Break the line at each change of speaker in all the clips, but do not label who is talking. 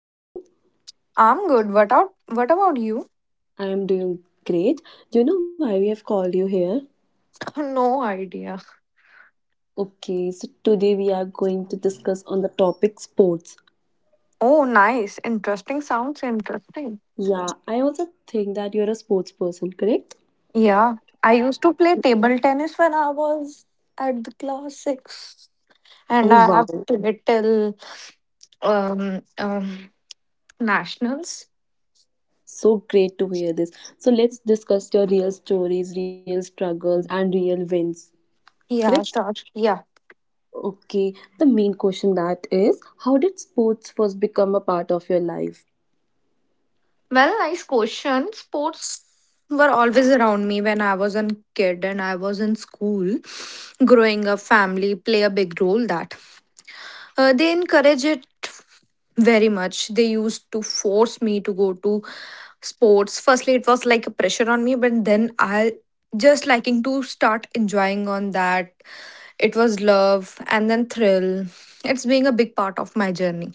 how's you?
I'm good. What out what about you?
I am doing great. Do you know why we have called you here?
No idea.
Okay, so today we are going to discuss on the topic sports.
Oh, nice. Interesting. Sounds interesting.
Yeah, I also think that you're a sports person, correct?
Yeah. I used to play table tennis when I was at the class six. And
Oh
I have
wow,
played till um um nationals.
so great to hear this. So let's discuss your real stories, real struggles, and real wins,
Yeah,
correct?
sure. Yeah.
Okay, the main question that is how did sports first become a part of your life?
Well, nice question. Sports were always around me when I was a kid and I was in school. Growing up, family play a big role that. They encourage it very much. They used to force me to go to sports. Firstly, it was like a pressure on me, but then I just liking to start enjoying on that. It was love and then thrill. It's being a big part of my journey.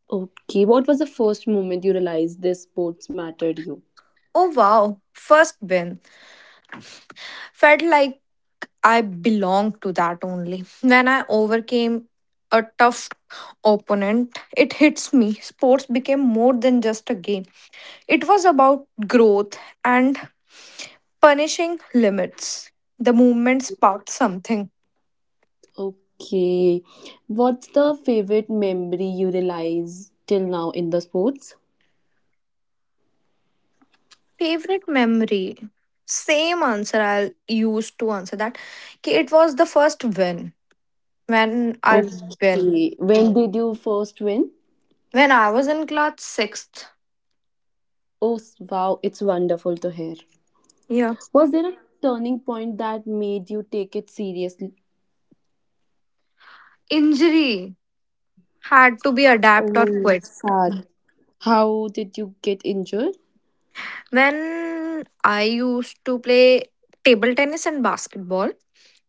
Okay, what was the first moment you realized this sports mattered you?
Oh wow, first win. Felt like I belonged to that only. When I overcame a tough opponent, it hits me. Sports became more than just a game. It was about growth and punishing limits. The movement sparked something.
Okay. What's the favorite memory you realize till now in the sports?
Favorite memory? Same answer I'll use to answer that. Ki it was the first win. When I win.
Okay. When did you first win?
When I was in class 6th,
Wow. It's wonderful to hear.
yeah.
Was there a turning point that made you take it seriously?
Injury had to be adapt or
Oh,
quit.
sad. How did you get injured?
When I used to play table tennis and basketball,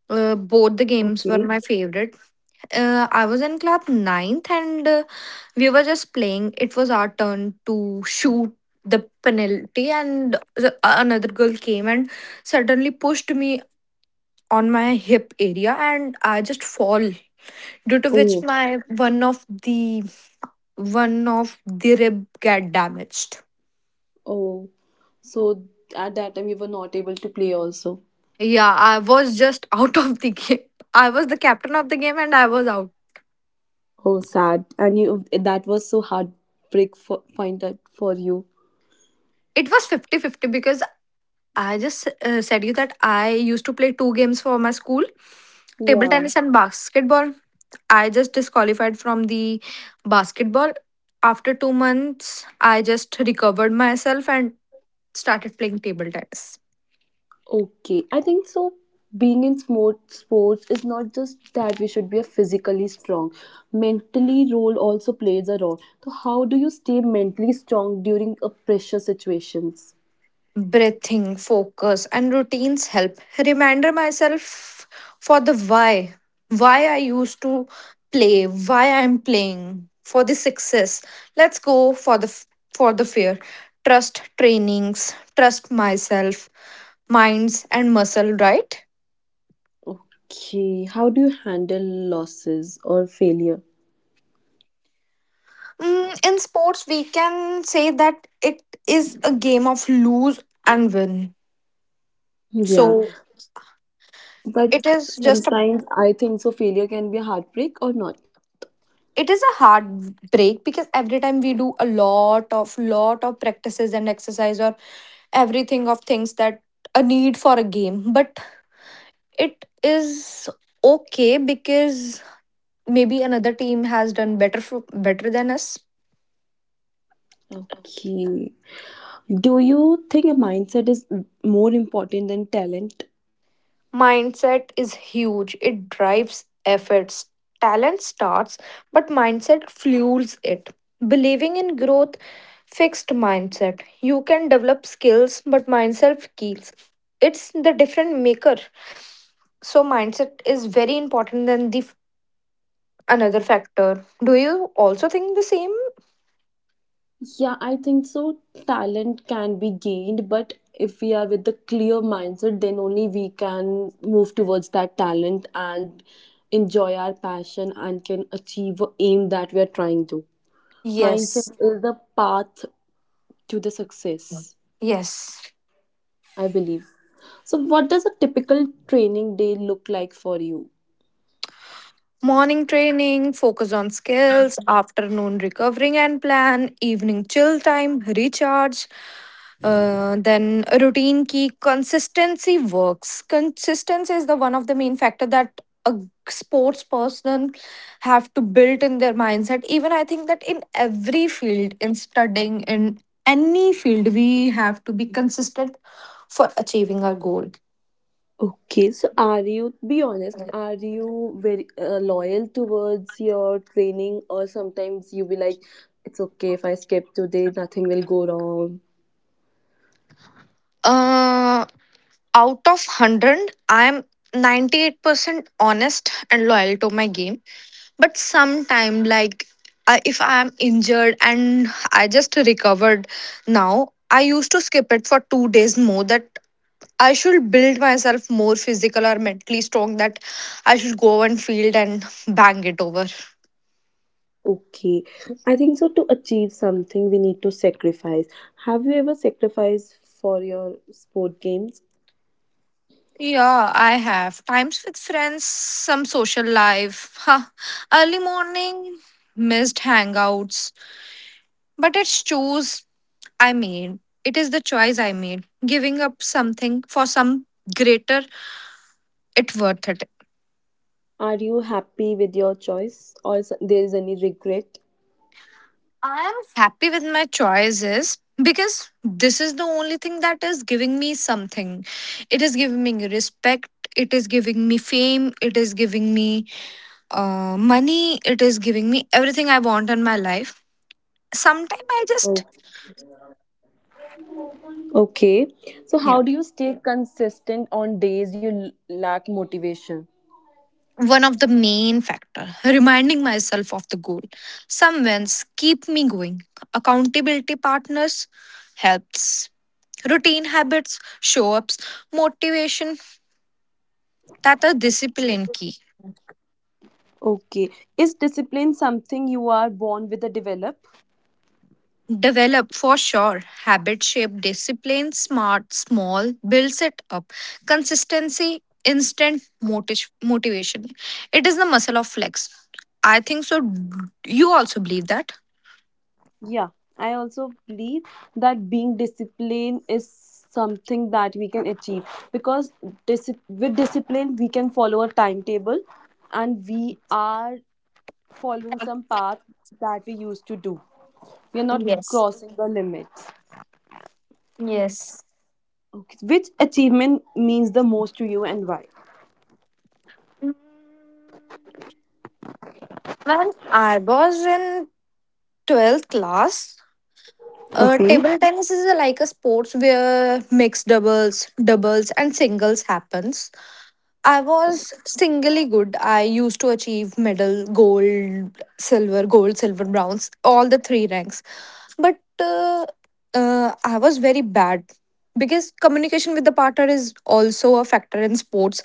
both the games were
Okay.
my favorite. I was in club ninth and we were just playing. It was our turn to shoot the penalty, and another girl came and suddenly pushed me on my hip area, and I just fall. Due to which
Oh,
my one of the one of the rib got damaged.
oh. So at that time you were not able to play also.
Yeah, I was just out of the game. I was the captain of the game, and I was out.
Oh, sad. And you that was so heartbreak for, point that for you.
It was 50 50 because I just said you that I used to play two games for my school, table
Yeah.
tennis and basketball. I just disqualified from the basketball. After 2 months, I just recovered myself and started playing table tennis.
Okay, I think so. Being in sport, sports is not just that we should be a physically strong. Mentally, role also plays a role. So, how do you stay mentally strong during a pressure situations?
Breathing, focus, and routines help. Reminder myself for the why. Why I used to play, why I'm playing, for the success. Let's go for the fear. Trust trainings, trust myself, minds and muscle, right?
Okay, how do you handle losses or failure?
In sports, we can say that it is a game of lose and win.
Yeah,
So
but
it is just a,
sometimes I think so. Failure can be a heartbreak or not.
it is a hard break, because every time we do a lot of practices and exercise or everything of things that a need for a game, but it is okay because maybe another team has done better better than us.
Okay. Do you think a mindset is more important than talent?
Mindset is huge. It drives efforts. Talent starts, but mindset fuels it. Believing in growth, fixed mindset. You can develop skills, but mindset kills. It's the different maker. So mindset is very important than another factor. Do you also think the same?
Yeah, I think so. Talent can be gained, but if we are with the clear mindset, then only we can move towards that talent and enjoy our passion and can achieve a aim that we are trying to. Mindset
Yes.
is the path to the success,
Yes.
I believe. So, what does a typical training day look like for you?
Morning training, focus on skills, afternoon recovering and plan, evening chill time, recharge. Then routine key consistency works. Consistency is the one of the main factor that a sports person have to build in their mindset. Even I think that in every field, in studying, in any field, we have to be consistent for achieving our goal.
Okay, so are you, be honest, are you very loyal towards your training, or sometimes you be like, it's okay if I skip today, nothing will go wrong?
Uh, Out of 100 I am 98% honest and loyal to my game, but sometime like I, if I am injured and I just recovered now, I used to skip it for 2 days more, that I should build myself more physical or mentally strong, that I should go on field and bang it over.
Okay, I think so. To achieve something, we need to sacrifice. Have you ever sacrificed for your sport games?
Yeah, I have times with friends, some social life, huh. Early morning, missed hangouts. But it's choose I made. It is the choice I made. Giving up something for some greater, it worth it.
Are you happy with your choice, or there is any regret?
Happy with my choices because this is the only thing that is giving me something. It is giving me respect. It is giving me fame. It is giving me money. It is giving me everything I want in my life. Sometimes I just
Oh, okay. So, how do you stay consistent on days you lack motivation?
one of the main factor reminding myself of the goal, some wins keep me going, accountability partners helps, routine habits show ups, motivation, that are discipline key.
Okay. Is discipline something you are born with or develop?
Develop for sure. Habit shape discipline, smart small builds it up, consistency instant motivation. It is the muscle of flex, I think so. You also believe that?
Yeah. I also believe that being disciplined is something that we can achieve because with discipline we can follow a timetable and we are following some path that we used to do. We are not
Yes.
crossing the limits.
Yes.
Okay. Which achievement means the most to you and why?
When I was in 12th class,
Okay.
table tennis is like a sports where mixed doubles, doubles, and singles happens. I was singly good. I used to achieve medal, gold, silver, bronze, all the three ranks. But I was very bad because communication with the partner is also a factor in sports.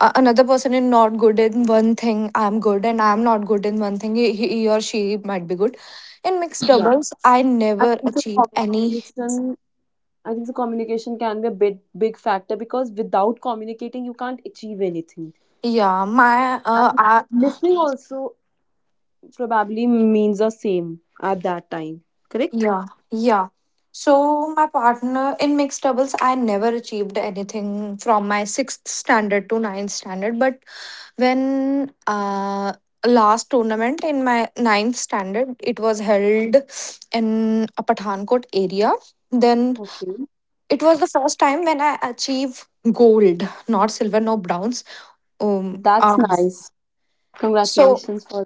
Another person is not good in one thing I'm good, and I'm not good in one thing, he or she might be good. In mixed
Yeah.
doubles I
I
never
think the
achieve any.
communication I think the communication can be a big big factor because without communicating you can't achieve anything.
Yeah, my
And listening also probably means the same at that time. Correct?
yeah, yeah. So my partner in mixed doubles, I never achieved anything from my sixth standard to ninth standard, but when last tournament in my ninth standard, it was held in a Pathankot area. Then
Okay.
it was the first time when I achieved gold, not silver, no browns. Um,
That's
um,
nice.
so
Congratulations for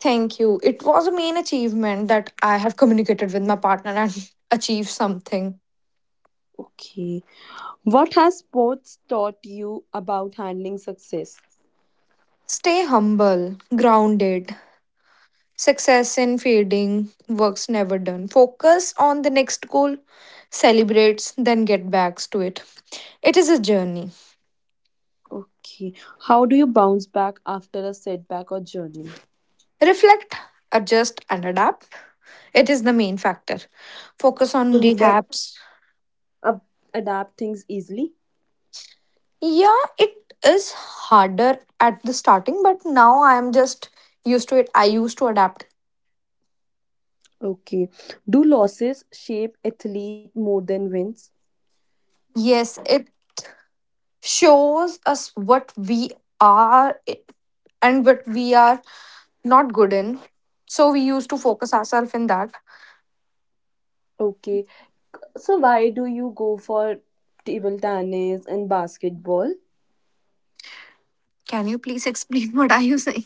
thank you. It was a main achievement that I have communicated with my partner and achieved something.
Okay. What has sports taught you about handling success?
Stay humble, grounded. Success in fading, work's never done. Focus on the next goal, celebrates, then get back to it. It is a journey.
Okay. How do you bounce back after a setback or journey?
Reflect, adjust, and adapt. It is the main factor. Focus on
So you can
rehabs.
ab- adapt things easily.
Yeah, it is harder at the starting, but now I am just used to it. I used to adapt.
Okay. Do losses shape athlete more than wins?
Yes, it shows us what we are and what we are not good in. So we used to focus ourselves in that.
Okay. So why do you go for table tennis and basketball?
Can you please explain what are you saying?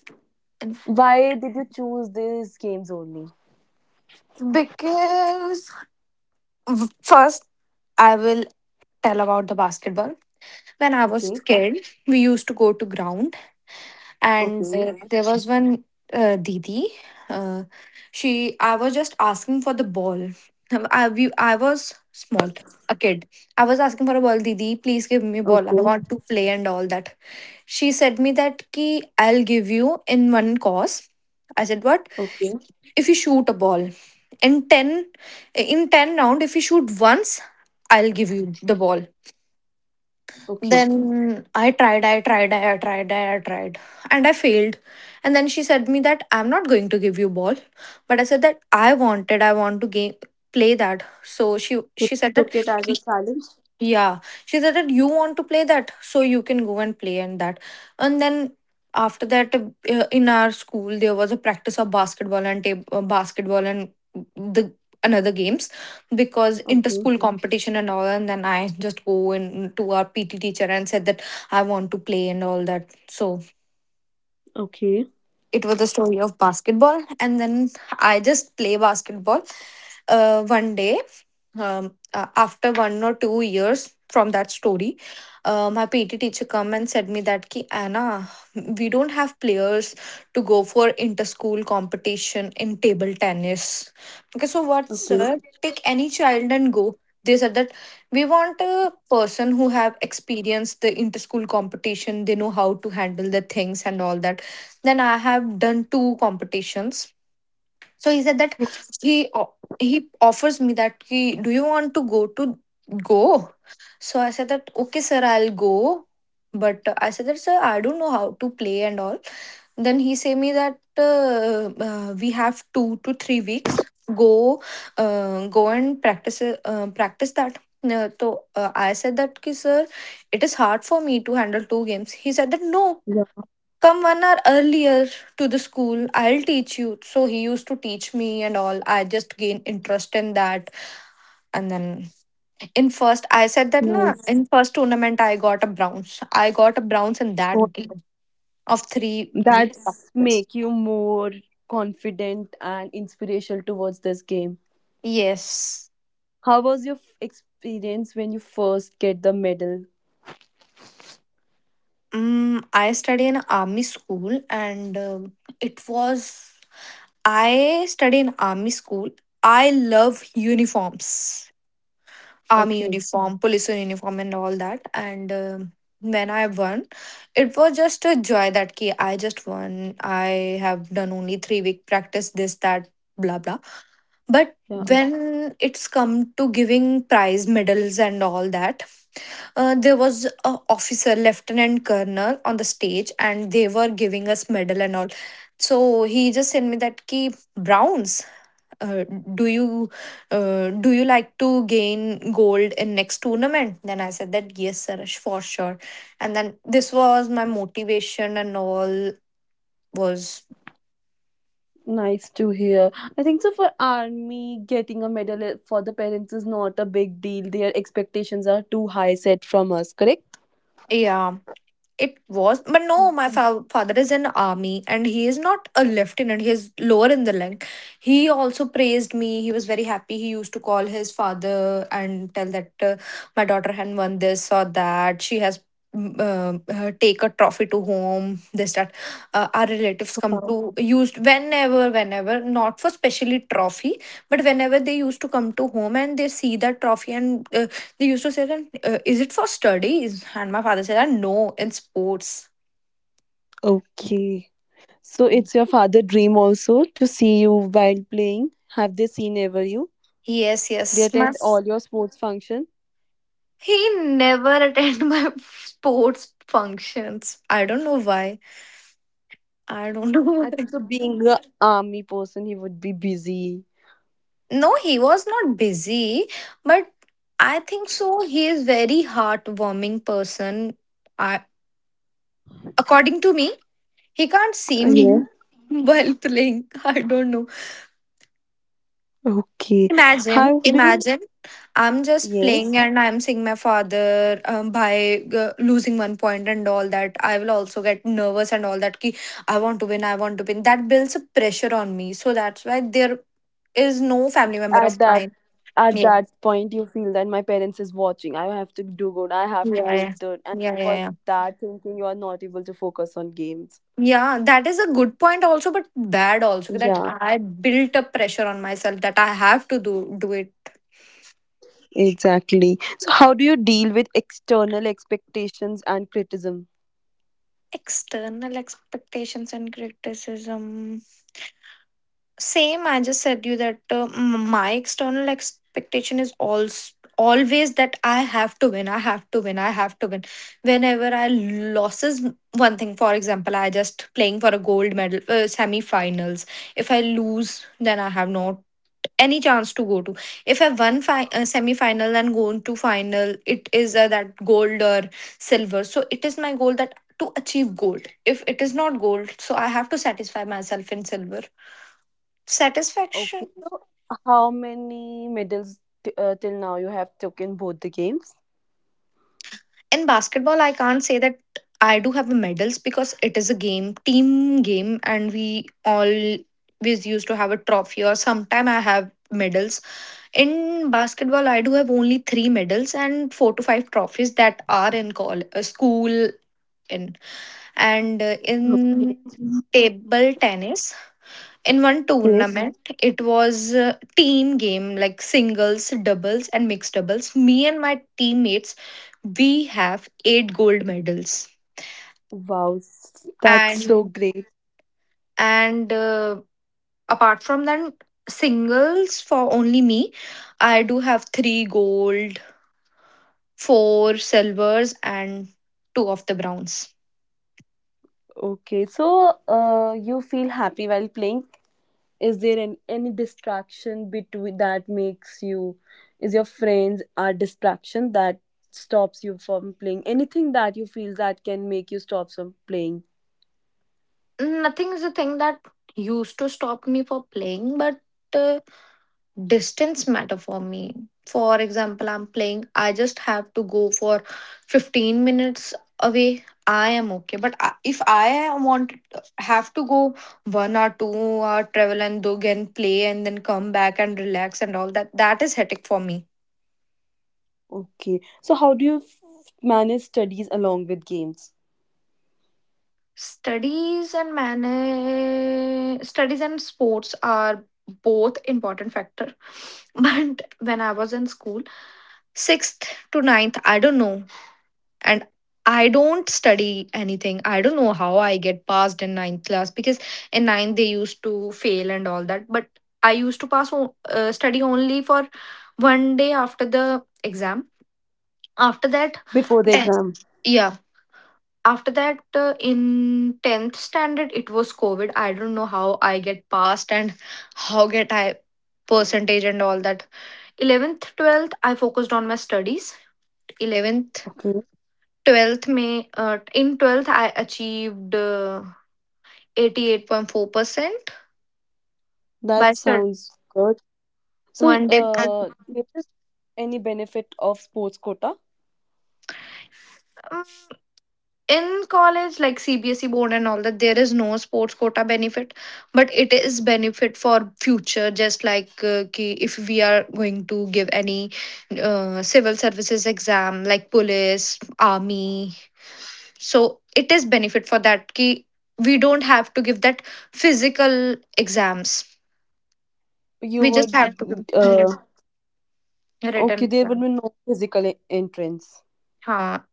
Why did you choose these games only?
Because first I will tell about the basketball. When I was
Okay.
kid, we used to go to ground, and
Okay.
there was one didi. Uh, she I was just asking for the ball. I was small, a kid. I was asking for a ball. Didi, please give me a ball, I
Okay.
want to play and all that. She said me that ki, I'll give you in one course. I said, what?
Okay.
If you shoot a ball in 10, in 10 round, if you shoot once, I'll give you the ball.
Okay.
Then I tried, and I failed. And then she said me that I'm not going to give you ball, but I said that I want to game play that. So
You
she said that,
took it as a challenge.
yeah, she said that you want to play that, so you can go and play and that. And then after that, in our school, there was a practice of basketball and basketball and the another games because
Okay.
inter-school Mhm. competition and all. And then I just go in to our PT teacher and said that I want to play and all that. So
Okay.
it was the story of basketball, and then I just play basketball. One day, after 1 or 2 years from that story, my PT teacher come and said me that ki Anna, we don't have players to go for inter school competition in table tennis. Okay, so what
Okay.
sir, take any child and go. They said that we want a person who have experienced the inter school competition, they know how to handle the things and all that. Then I have done two competitions. So he said that he offers me that, he, do you want to go to go? So I said that okay sir, I'll go, but I said that sir, I don't know how to play and all. Then he say me that we have 2 to 3 weeks, go, go and practice, practice that. uh, so I said that, "Ki, sir, it is hard for me to handle two games." He said that, no,
Yeah.
come 1 hour earlier to the school, I'll teach you. So he used to teach me and all. I just gained interest in that. And then in first, I said that na,
Nice.
in first tournament, I got a bronze. I got a bronze in
So
that game of 3 weeks
that's
practice.
make you more confident and inspirational towards this game.
Yes.
How was your experience when you first get the medal?
I study in army school and it was I study in army school. I love uniforms. Army
Okay.
uniform, police uniform, and all that. And when I won, it was just a joy that ki I just won. I have done only 3 week practice, this, that, blah, blah. But
Yeah.
when it's come to giving prize medals and all that, there was a officer, lieutenant colonel, on the stage, and they were giving us medal and all. So he just sent me that ki Browns, uh, do you do you like to gain gold in next tournament? Then I said that, yes sir, for sure. And then this was my motivation and all was.
Nice to hear. I think so for army getting a medal for the parents is not a big deal. Their expectations are too high set from us, correct?
Yeah. It was, but no,
Mm.
my father is in army and he is not a lieutenant. He is lower in the rank. He also praised me. He was very happy. He used to call his father and tell that, my daughter had won this or that. She has, mm, uh, take a trophy to home. This that, our relatives come
Wow.
to used whenever not for specially trophy, but whenever they used to come to home and they see that trophy and, they used to say that, is it for studies? And my father said, that, no, in sports.
Okay. So
Mm.
it's your father dream also to see you while playing. Have they seen ever you?
Yes,
They
yes.
attend all your sports function.
He never attend my sports functions. I don't know why. I don't know
I
why.
think so. Being a army person, he would be busy.
No, he was not busy, but I think so. He is very heartwarming person. I, According to me, he can't see
Yeah.
me while playing. I don't know.
Okay.
Imagine,
How do you?
imagine, I'm just playing
Yes.
and I'm seeing my father, by losing 1 point and all that. I will also get nervous and all that. Ki, I want to win, I want to win. That builds a pressure on me. So that's why there is no family member of
At that
mine.
at
Yeah,
that point, you feel that my parents is watching. I have to do good. I have to
yeah,
go
yeah,
good. And
yeah, yeah,
for
yeah.
that thinking, you are not able to focus on games.
Yeah, that is a good point also, but bad also that
Yeah,
I built up pressure on myself that I have to do it.
exactly. So, how do you deal with external expectations and criticism?
External expectations and criticism. Same, I just said you that, my external expectation is also always that I have to win, I have to win, I have to win. Whenever I loses one thing, for example, I just playing for a gold medal, semi-finals. If I lose, then I have not any chance to go to. If I won, semi-final and go to final, it is, that gold or silver. So it is my goal that to achieve gold. If it is not gold, so I have to satisfy myself in silver.
Okay,
Satisfaction.
so how many medals till now you have took in both the games?
In basketball, I can't say that I do have medals because it is a game, team game, and we always used to have a trophy or sometime I have medals. In basketball, I do have only three medals and four to five trophies that are in call, school in, and, in
Okay.
table tennis, in one
Yes.
tournament, it was a team game, like singles, doubles, and mixed doubles. Me and my teammates, we have eight gold medals.
Wow, that's
and
so great.
and apart from that, singles for only me, I do have three gold, four silvers, and two of the browns.
Okay, so you feel happy while playing. Is there an, any distraction between that makes you, is your friends are distraction that stops you from playing? Anything that you feel that can make you stop from playing?
Nothing is a thing that used to stop me for playing, but, uh, distance matter for me. For example, I'm playing, I just have to go for 15 minutes away. I am okay. But if I want have to go 1 or 2 hour travel and do again play and then come back and relax and all that, that is hectic for me.
Okay, so how do you manage studies along with games
Studies and manage studies and sports are both important factor. But when I was in school, sixth to ninth, I don't know. And I don't study anything. I don't know how I get passed in ninth class because in ninth they used to fail and all that. But I used to pass, study only for one day after the exam. After that,
before the
tenth.
exam?
After that, in 10th standard, it was covid. I don't know how I get passed and how get I percentage and all that. 11th, 12th, I focused on my studies. 11th,
Okay.
12th may, in 12th I achieved, 88.4%
That
by
sounds good. So,
one day.
do you have any benefit of sports quota?
In college, like CBSE board and all that, there is no sports quota benefit, but it is benefit for future, just like, ki if we are going to give any, civil services exam, like police, army. So it is benefit for that ki we don't have to give that physical exams.
You
We just
would,
have to
uh,
give written
okay, there would
exam.
be no physical entrance.
हाँ.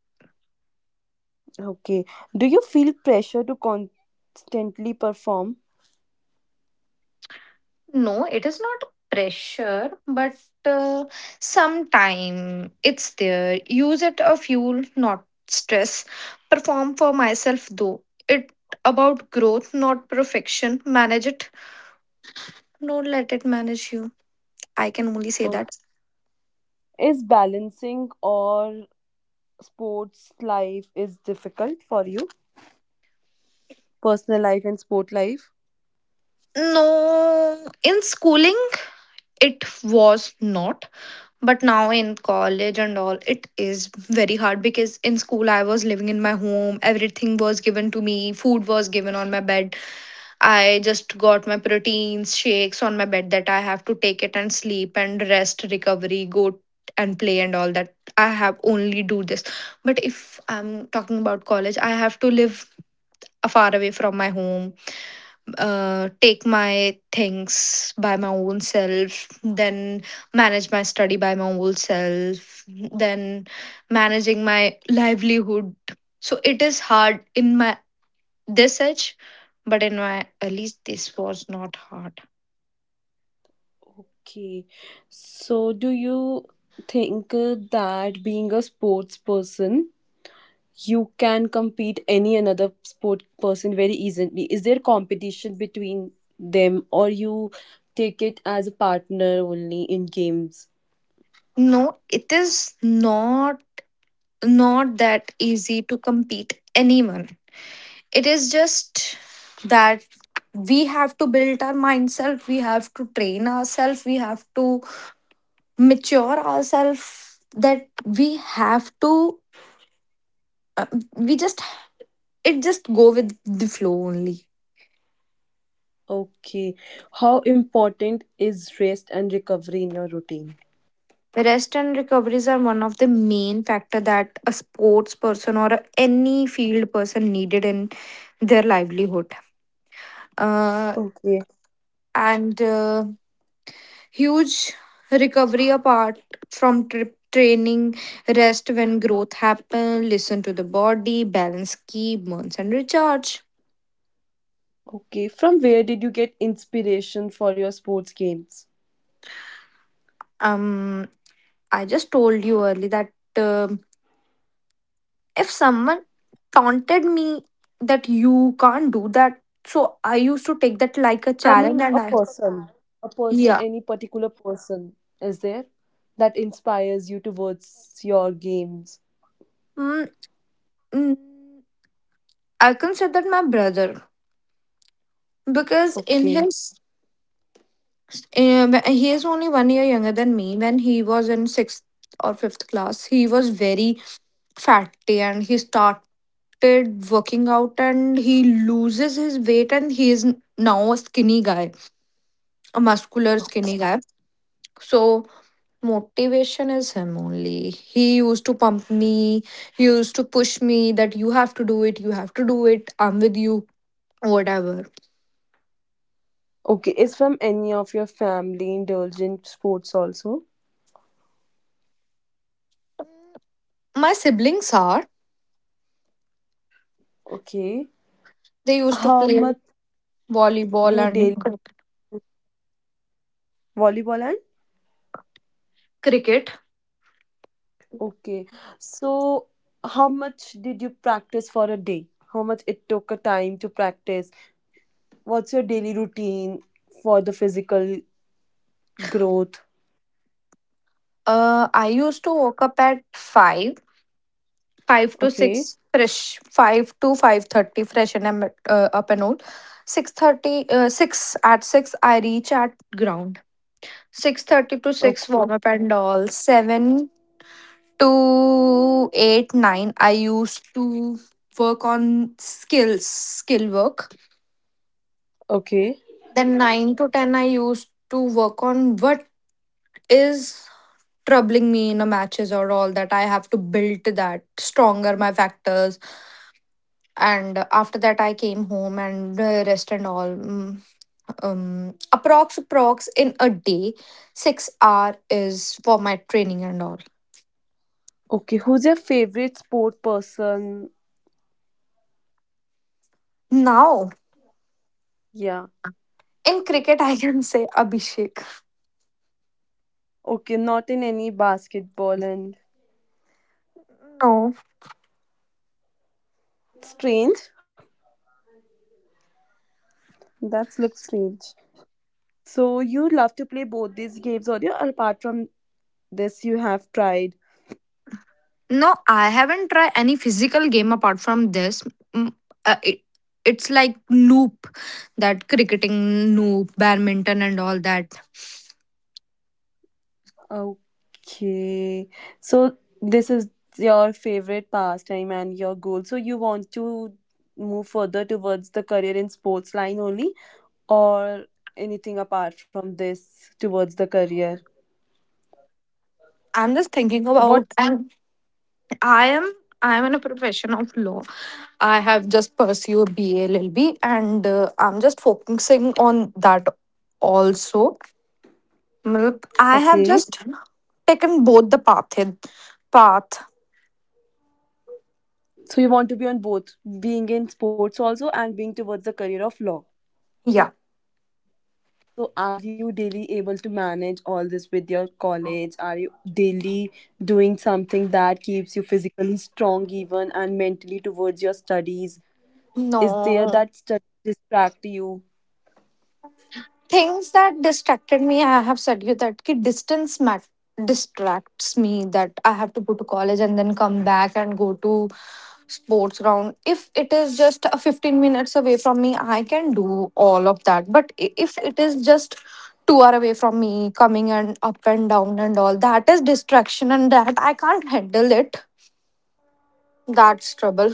Okay. Do you feel pressure to constantly perform?
No, it is not pressure, but, uh, sometime it's there. Use it a fuel, not stress. Perform for myself though. It about growth, not perfection. Manage it. Don't let it manage you. I can only say
Oh.
that.
Is balancing or sports life is difficult for you? Personal life and sport life?
No, in schooling, it was not, but now in college and all, it is very hard because in school, I was living in my home, everything was given to me, food was given on my bed. I just got my proteins, shakes on my bed, that I have to take it and sleep and rest, recovery, go and play and all that. I have only do this. But if I'm talking about college, I have to live far away from my home, take my things by my own self, then manage my study by my own self, then managing my livelihood. So it is hard in my this age, but in my at least this was not hard.
Okay. So, do you think that being a sports person you can compete any another sport person very easily is there competition between them or you take it as a partner only in games
No, it is not that easy to compete anyone. It is just that we have to build our mindself, we have to train ourselves, we have to mature ourselves, that we have to, uh, we just it just go with the flow only.
okay how important is rest and recovery in your routine
The rest and recoveries are one of the main factor that a sports person or any field person needed in their livelihood. Uh,
okay
and, huge recovery apart from trip training, rest when growth happen, listen to the body, balance, keep burns and recharge.
okay from where did you get inspiration for your sports games
um I just told you early that, um if someone taunted me that you can't do that, so I used to take that like a
I
challenge,
mean
and
a
I.
person
Yeah.
any particular person is there that inspires you towards your games
mm, mm, I considered my brother because in
okay.
his, he is only one year younger than me. When he was in sixth or fifth class, he was very fatty, and he started working out, and he loses his weight, and he is now a skinny guy, a muscular skinny guy. So motivation is him only. He used to pump me, he used to push me that you have to do it, you have to do it, I'm with you, whatever.
Okay, is from any of your family indulged in sports also?
My siblings are,
Okay.
they used to
How
play
much
volleyball
you
and
daily volleyball and?
cricket.
Okay. So how much did you practice for a day? How much it took a time to practice? What's your daily routine for the physical growth?
I used to wake up at 5, 5 to
Okay.
6 fresh, 5 to 5:30 fresh, and I'm, up and out. 6:30, 6. At 6, I reach at ground. 6:30 to 6, warm
Okay.
up and all. 7 to 8, 9, I used to work on skills, skill work.
Okay.
Then 9 to 10, I used to work on what is troubling me in a matches or all that. I have to build that stronger, my factors. And after that, I came home and, rest and all. Approx in a day, 6 hour is for my training and all.
Okay. Who's your favorite sport person?
Now
Yeah.
in cricket, I can say Abhishek.
Okay, not in any basketball and
No.
strange. That's looks strange. So you love to play both these games on your, apart from this, you have tried.
No, I haven't tried any physical game apart from this. Mm, uh, it, it's like loop, that cricketing loop, badminton, and all that.
Okay. So this is your favorite pastime and your goal. So you want to move further towards the career in sports line only or anything apart from this towards the career?
I'm just thinking
What?
about, and I am I am in a profession of law. I have just pursued a BA LLB, and, I'm just focusing on that also. Matlab, I have
Okay.
just taken both the path. Path,
So you want to be on both being in sports also and being towards the career of law.
yeah.
So, are you daily able to manage all this with your college? Are you daily doing something that keeps you physically strong, even and mentally towards your studies? Is there
No.
that study distract you?
Things that distracted me, I have said you that ki distance distracts me, that I have to go to college and then come back and go to sports ground. If it is just a 15 minutes away from me, I can do all of that. But if it is just 2 hour away from me, coming and up and down and all that is distraction, and that I can't handle it. That's trouble.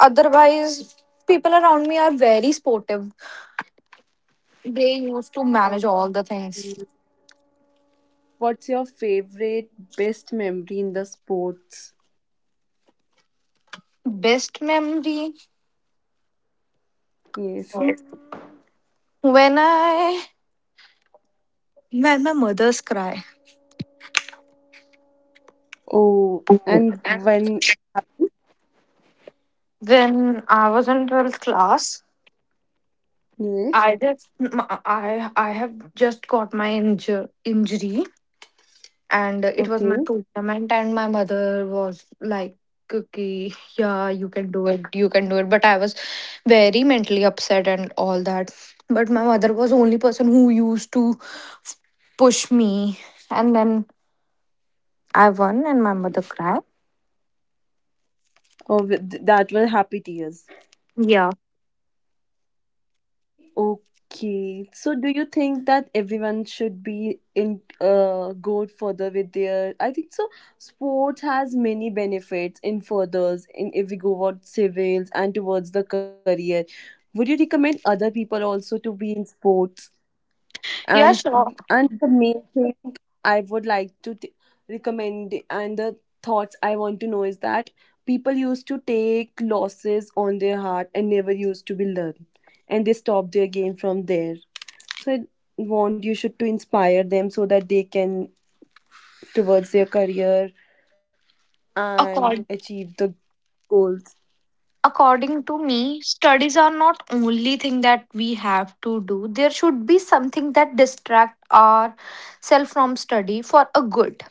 Otherwise, people around me are very sportive. They used to manage all the things.
Okay. What's your favorite best memory in the sports?
Best memory,
Yes.
when I made my mother's cry.
Oh, and when?
When I was in 12th class,
Yes.
I just I have just got my injury, and it was my
Okay.
tournament, and my mother was like. Okay, yeah, you can do it, you can do it. But I was very mentally upset and all that. But my mother was only person who used to push me, and then I won, and my mother cried.
Oh, that were happy tears.
Yeah,
Okay, so do you think that everyone should be in go further with their? I think so. Sport has many benefits in furthers in if we go towards civils and towards the career. Would you recommend other people also to be in sports?
yeah,
and
sure.
and the main thing I would like to recommend and the thoughts I want to know is that people used to take losses on their heart and never used to be learned and they stopped their game from there, so I want you should to inspire them so that they can towards their career and
Accord-
achieve the goals.
According to me, studies are not only thing that we have to do. There should be something that distract ourselves from study for a good.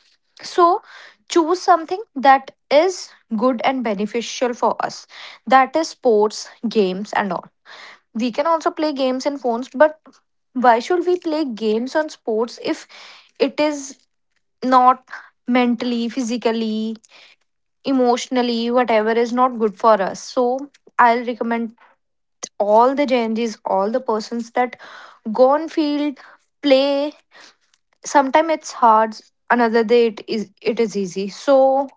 So choose something that is good and beneficial for us. That is sports, games, and all. We can also play games in phones, but why should we play games on sports if it is not mentally, physically, emotionally, whatever is not good for us. So I'll recommend all the Gen Zs, all the persons, that go on field, play. Sometimes it's hard, another day it is easy. So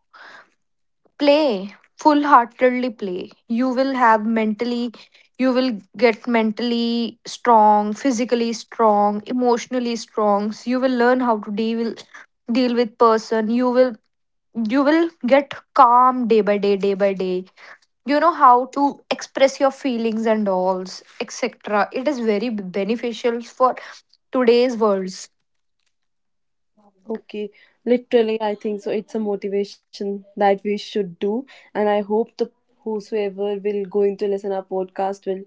play, full heartedly play. You will have mentally, you will get mentally strong, physically strong, emotionally strong, so you will learn how to deal with person. You will get calm day by day, day by day. You know how to express your feelings and alls, etc. It is very beneficial for today's worlds.
Okay, literally, I think so. It's a motivation that we should do, and I hope the whosoever will going to listen our podcast will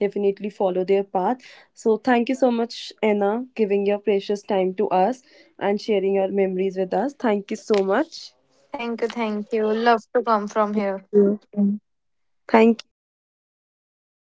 definitely follow their path. So thank you so much, Anna, giving your precious time to us and sharing your memories with us. Thank you so much.
Thank you, thank you, love to come from here.
Yeah. Thank you.